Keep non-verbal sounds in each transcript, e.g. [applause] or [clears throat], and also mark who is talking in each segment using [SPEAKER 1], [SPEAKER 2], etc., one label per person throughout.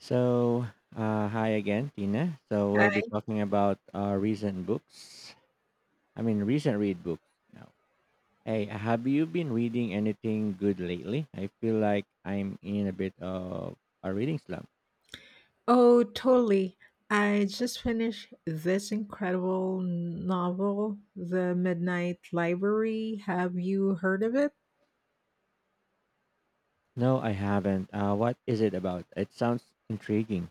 [SPEAKER 1] So, hi again, Tina. So, we'll be talking about recent books. I mean, recent read books. Now, hey, have you been reading anything good lately? I feel like I'm in a bit of a reading slump.
[SPEAKER 2] Oh, totally. I just finished this incredible novel, The Midnight Library. Have you heard of it?
[SPEAKER 1] No, I haven't. What is it about? It sounds intriguing.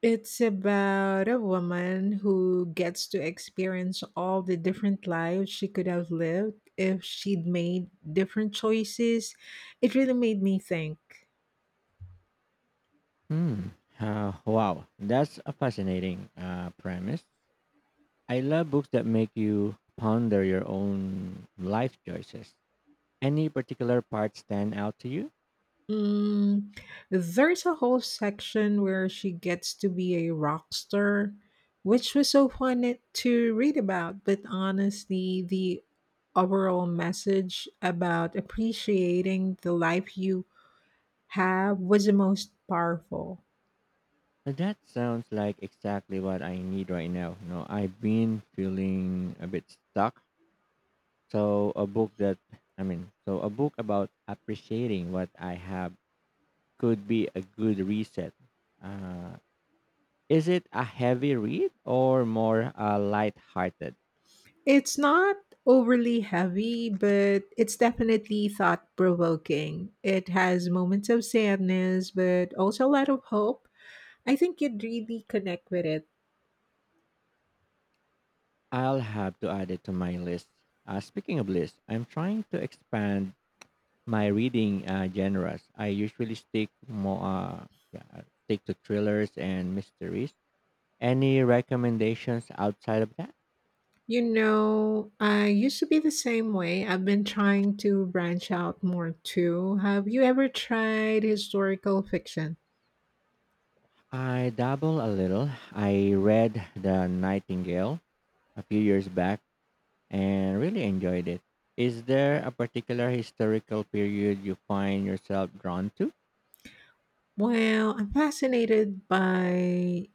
[SPEAKER 2] It's about a woman who gets to experience all the different lives she could have lived if she'd made different choices. It really made me think.
[SPEAKER 1] Hmm. Wow, that's a fascinating premise. I love books that make you ponder your own life choices. Any particular part stand out to you?
[SPEAKER 2] Mm, there's a whole section where she gets to be a rock star, which was so fun to read about. But honestly, the overall message about appreciating the life you have was the most powerful.
[SPEAKER 1] So that sounds like exactly what I need right now. You know, I've been feeling a bit stuck. So a book that so a book about appreciating what I have could be a good reset. Uh, is it a heavy read or more light-hearted?
[SPEAKER 2] It's not overly heavy, but it's definitely thought provoking. It has moments of sadness, but also a lot of hope. I think you'd really connect with it.
[SPEAKER 1] I'll have to add it to my list. Speaking of lists, I'm trying to expand my reading genres. I usually stick stick to thrillers and mysteries. Any recommendations outside of that?
[SPEAKER 2] You know, I used to be the same way. I've been trying to branch out more too. Have you ever tried historical fiction?
[SPEAKER 1] I dabble a little. I read The Nightingale a few years back and really enjoyed it. Is there a particular historical period you find yourself drawn to?
[SPEAKER 2] Well, I'm fascinated by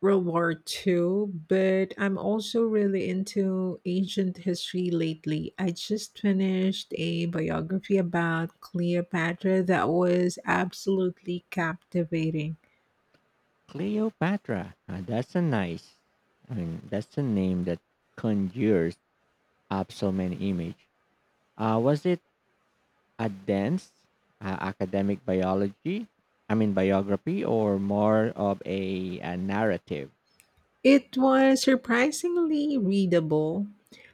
[SPEAKER 2] World War Two, but I'm also really into ancient history lately. I just finished a biography about Cleopatra that was absolutely captivating.
[SPEAKER 1] Cleopatra. Ah, that's a nice. I mean, that's a name that conjures up so many images. Was it a dense academic biology? I mean, biography or more of a narrative?
[SPEAKER 2] It was surprisingly readable.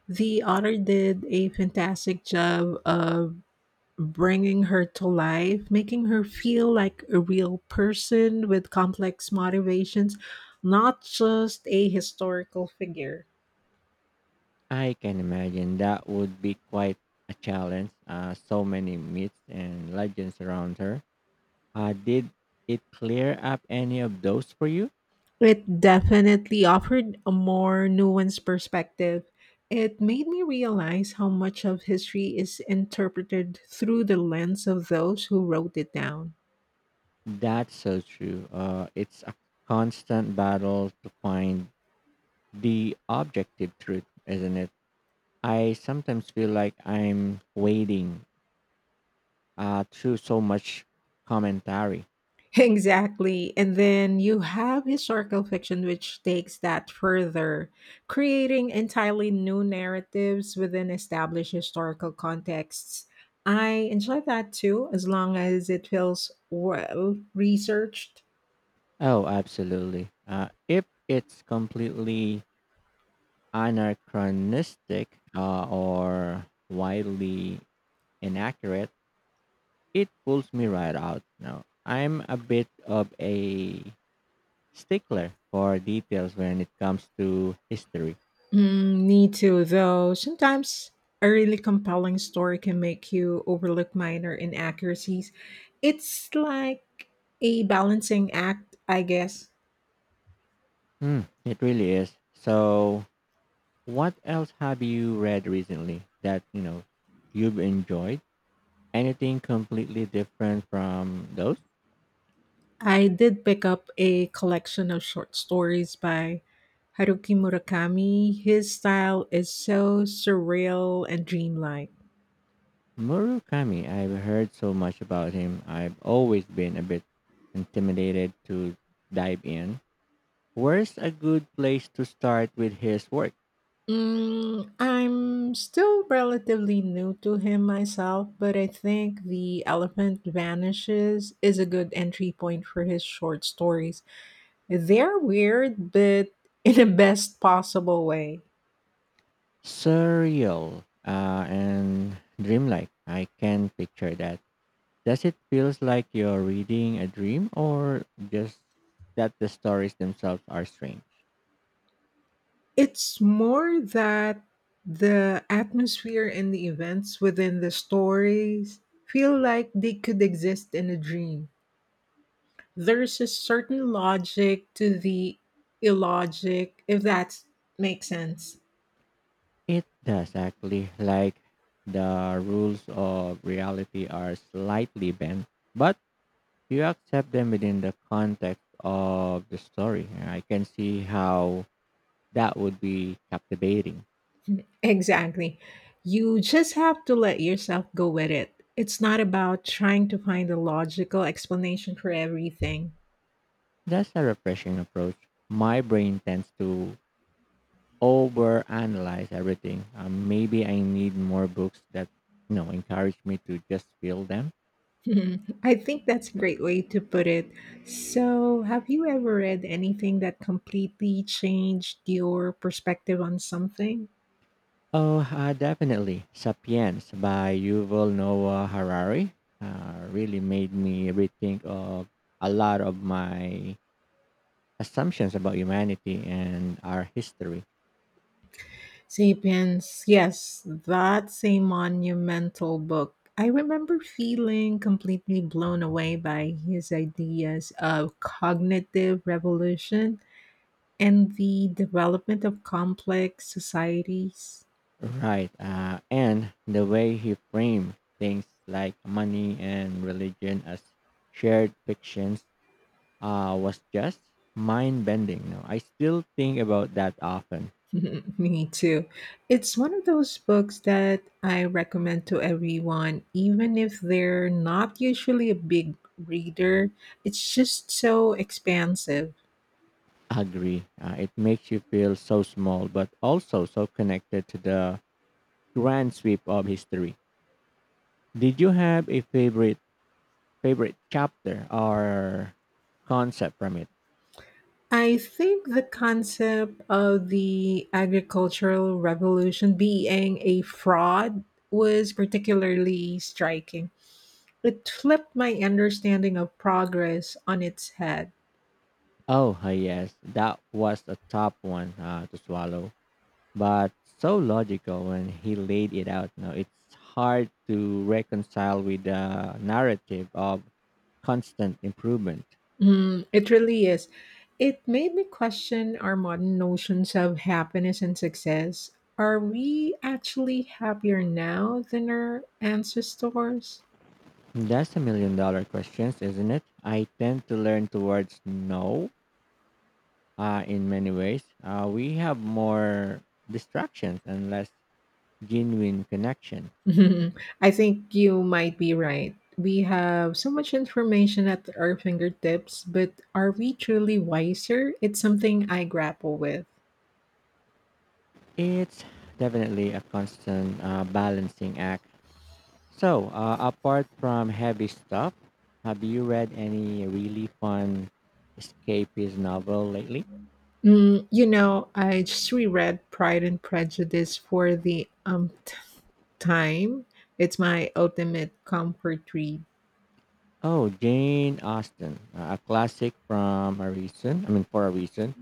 [SPEAKER 2] The author did a fantastic job of bringing her to life, making her feel like a real person with complex motivations, not just a historical figure.
[SPEAKER 1] I can imagine that would be quite a challenge. So many myths and legends around her. Did it clear up any of those for you?
[SPEAKER 2] It definitely offered a more nuanced perspective. It made me realize how much of history is interpreted through the lens of those who wrote it down.
[SPEAKER 1] That's so true. It's a constant battle to find the objective truth, isn't it? I sometimes feel like I'm wading through so much commentary.
[SPEAKER 2] Exactly. And then you have historical fiction, which takes that further, creating entirely new narratives within established historical contexts. I enjoy that too, as long as it feels well researched.
[SPEAKER 1] Oh, absolutely. If it's completely anachronistic or widely inaccurate, it pulls me right out. Now, I'm a bit of a stickler for details when it comes to history.
[SPEAKER 2] Mm, me too, though. Sometimes a really compelling story can make you overlook minor inaccuracies. It's like a balancing act, I guess.
[SPEAKER 1] Hmm, it really is. So, what else have you read recently that you know you've enjoyed? Anything completely different from those?
[SPEAKER 2] I did pick up a collection of short stories by Haruki Murakami. His style is so surreal and dreamlike.
[SPEAKER 1] Murakami, I've heard so much about him. I've always been a bit intimidated to dive in. Where's a good place to start with his work?
[SPEAKER 2] Mm, I'm still relatively new to him myself, but I think The Elephant Vanishes is a good entry point for his short stories. They're weird, but in the best possible way.
[SPEAKER 1] Surreal and dreamlike. I can picture that. Does it feels like you're reading a dream or just that the stories themselves are strange?
[SPEAKER 2] It's more that the atmosphere and the events within the stories feel like they could exist in a dream. There's a certain logic to the illogic, if that makes sense.
[SPEAKER 1] It does actually, like the rules of reality are slightly bent, but you accept them within the context of the story. And I can see how that would be captivating.
[SPEAKER 2] Exactly. You just have to let yourself go with it. It's not about trying to find a logical explanation for everything.
[SPEAKER 1] That's a refreshing approach. My brain tends to overanalyze everything. Maybe I need more books that encourage me to just feel them.
[SPEAKER 2] [laughs] Hmm, I think that's a great way to put it. So, have you ever read anything that completely changed your perspective on something?
[SPEAKER 1] Oh, definitely. *Sapiens* by Yuval Noah Harari really made me rethink of a lot of my assumptions about humanity and our history.
[SPEAKER 2] Sapiens, yes, that's a monumental book. I remember feeling completely blown away by his ideas of cognitive revolution and the development of complex societies.
[SPEAKER 1] Right. And the way he framed things like money and religion as shared fictions was just mind bending. No, I still think about that often.
[SPEAKER 2] [laughs] Me too. It's one of those books that I recommend to everyone, even if they're not usually a big reader. It's just so expansive.
[SPEAKER 1] Agree. It makes you feel so small, but also so connected to the grand sweep of history. Did you have a favorite chapter or concept from it?
[SPEAKER 2] I think the concept of the agricultural revolution being a fraud was particularly striking. It flipped my understanding of progress on its head.
[SPEAKER 1] Oh, yes, that was a tough one to swallow, but so logical when he laid it out. Now it's hard to reconcile with the narrative of constant improvement.
[SPEAKER 2] Mm, it really is. It made me question our modern notions of happiness and success. Are we actually happier now than our ancestors? [laughs]
[SPEAKER 1] That's a million dollar questions, isn't it? I tend to learn towards no, in many ways. We have more distractions and less genuine connection.
[SPEAKER 2] Mhm. I think you might be right. We have so much information at our fingertips, but are we truly wiser? It's something I grapple with.
[SPEAKER 1] It's definitely a constant balancing act. So, apart from heavy stuff, have you read any really fun escapist novel lately?
[SPEAKER 2] Mm, you know, I just reread Pride and Prejudice for the umpteenth time. It's my ultimate comfort read.
[SPEAKER 1] Oh, Jane Austen, a classic from a reason. I mean, for a reason.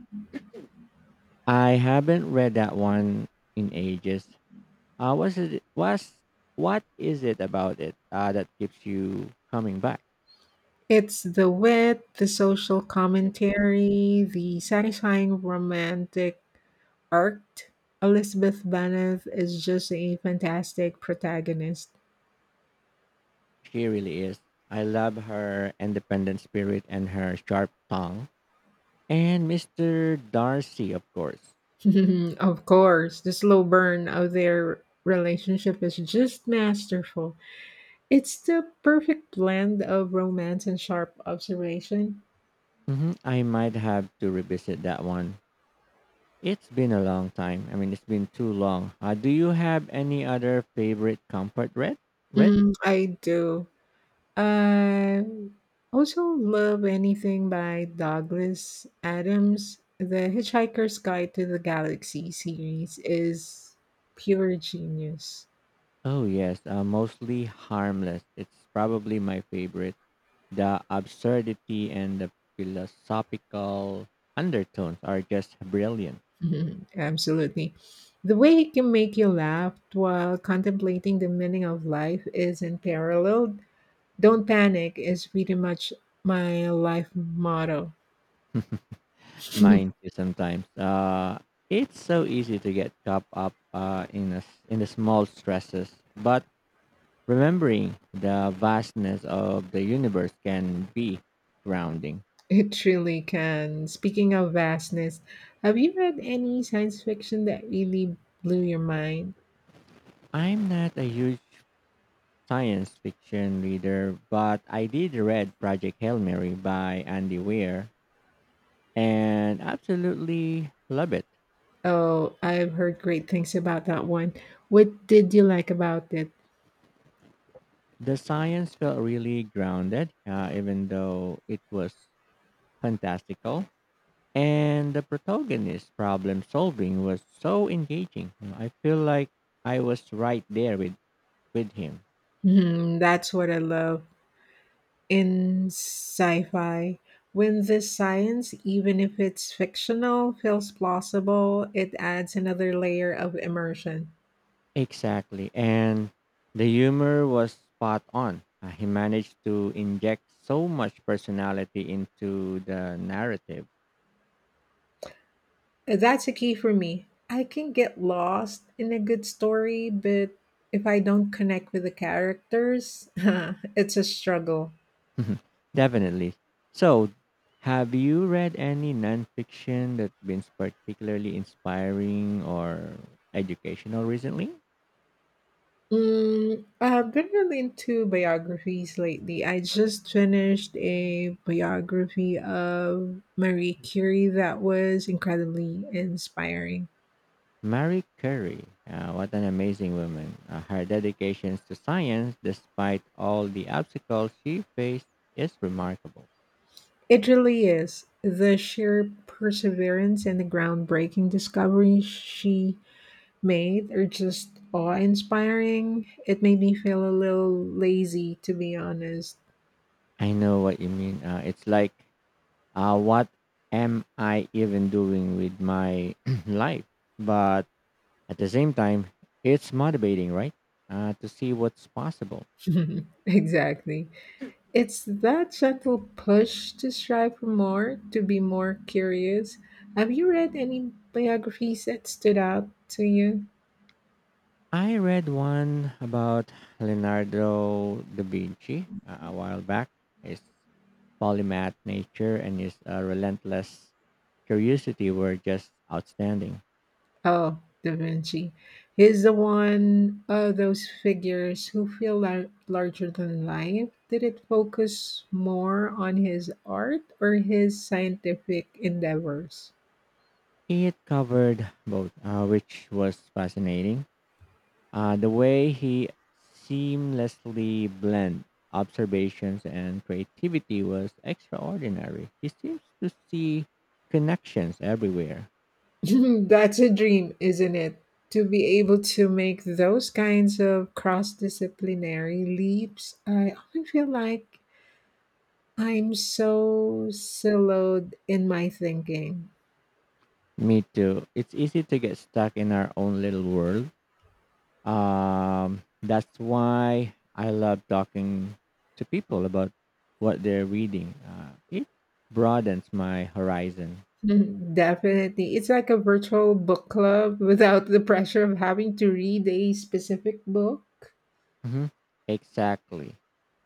[SPEAKER 1] I haven't read that one in ages. Was it was what is it about it that keeps you coming back?
[SPEAKER 2] It's the wit, the social commentary, the satisfying romantic arc. Elizabeth Bennet is just a fantastic protagonist.
[SPEAKER 1] She really is. I love her independent spirit and her sharp tongue, and Mister Darcy, of course.
[SPEAKER 2] [laughs] Of course, the slow burn of their relationship is just masterful. It's the perfect blend of romance and sharp observation.
[SPEAKER 1] Hmm, I might have to revisit that one. It's been a long time. I mean, it's been too long. Do you have any other favorite comfort read?
[SPEAKER 2] Mm, I do. I also love anything by Douglas Adams. The Hitchhiker's Guide to the Galaxy series is pure genius. [laughs]
[SPEAKER 1] Oh yes, mostly harmless. It's probably my favorite. The absurdity and the philosophical undertones are just brilliant.
[SPEAKER 2] Mhm, absolutely. The way he can make you laugh while contemplating the meaning of life is unparalleled. Don't panic is pretty much my life motto.
[SPEAKER 1] Mine
[SPEAKER 2] [laughs]
[SPEAKER 1] too sometimes. It's so easy to get caught up in a s in the small stresses, but remembering the vastness of the universe can be grounding.
[SPEAKER 2] It truly can. Speaking of vastness, have you read any science fiction that really blew your mind?
[SPEAKER 1] I'm not a huge science fiction reader, but I did read Project Hail Mary by Andy Weir and absolutely love it.
[SPEAKER 2] Oh, I've heard great things about that one. What did you like about it?
[SPEAKER 1] The science felt really grounded, even though it was fantastical. And the protagonist's problem solving was so engaging. I feel like I was right there with him.
[SPEAKER 2] Hmm, that's what I love in sci fi. When the science, even if it's fictional, feels plausible, it adds another layer of immersion.
[SPEAKER 1] Exactly. And the humor was spot on. He managed to inject so much personality into the narrative.
[SPEAKER 2] That's a key for me. I can get lost in a good story, but if I don't connect with the characters, [laughs] it's a struggle.
[SPEAKER 1] [laughs] Definitely. So, have you read any nonfiction that's been particularly inspiring or educational recently?
[SPEAKER 2] Mm, I've been really into biographies lately. I just finished a biography of Marie Curie that was incredibly inspiring.
[SPEAKER 1] Marie Curie, what an amazing woman. Her dedication to science, despite all the obstacles she faced, is remarkable.
[SPEAKER 2] It really is. The sheer perseverance and the groundbreaking discoveries she made are just awe inspiring. It made me feel a little lazy, to be honest.
[SPEAKER 1] I know what you mean. It's like what am I even doing with my [clears throat] life? But at the same time, it's motivating, right? To see what's possible.
[SPEAKER 2] [laughs] Exactly. It's that subtle push to strive for more, to be more curious. Have you read any biographies that stood out to you?
[SPEAKER 1] I read one about Leonardo da Vinci a while back. His polymath nature and his relentless curiosity were just outstanding.
[SPEAKER 2] Oh, Da Vinci. He's the one of those figures who feel larger than life. Did it focus more on his art or his scientific endeavors?
[SPEAKER 1] It covered both, which was fascinating. The way he seamlessly blend observations and creativity was extraordinary. He seems to see connections everywhere.
[SPEAKER 2] [laughs] That's a dream, isn't it? To be able to make those kinds of cross disciplinary leaps, I often feel like I'm so siloed in my thinking. [laughs]
[SPEAKER 1] Me too. It's easy to get stuck in our own little world. That's why I love talking to people about what they're reading. It broadens my horizon.
[SPEAKER 2] Mhm, definitely. It's like a virtual book club [laughs] without the pressure of having to read a specific book.
[SPEAKER 1] Hmm, exactly.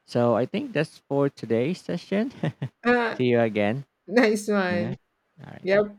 [SPEAKER 1] So I think that's for today's session. [laughs]
[SPEAKER 2] Ah,
[SPEAKER 1] See you again.
[SPEAKER 2] nice one.
[SPEAKER 1] Nina? All right.
[SPEAKER 2] Yep.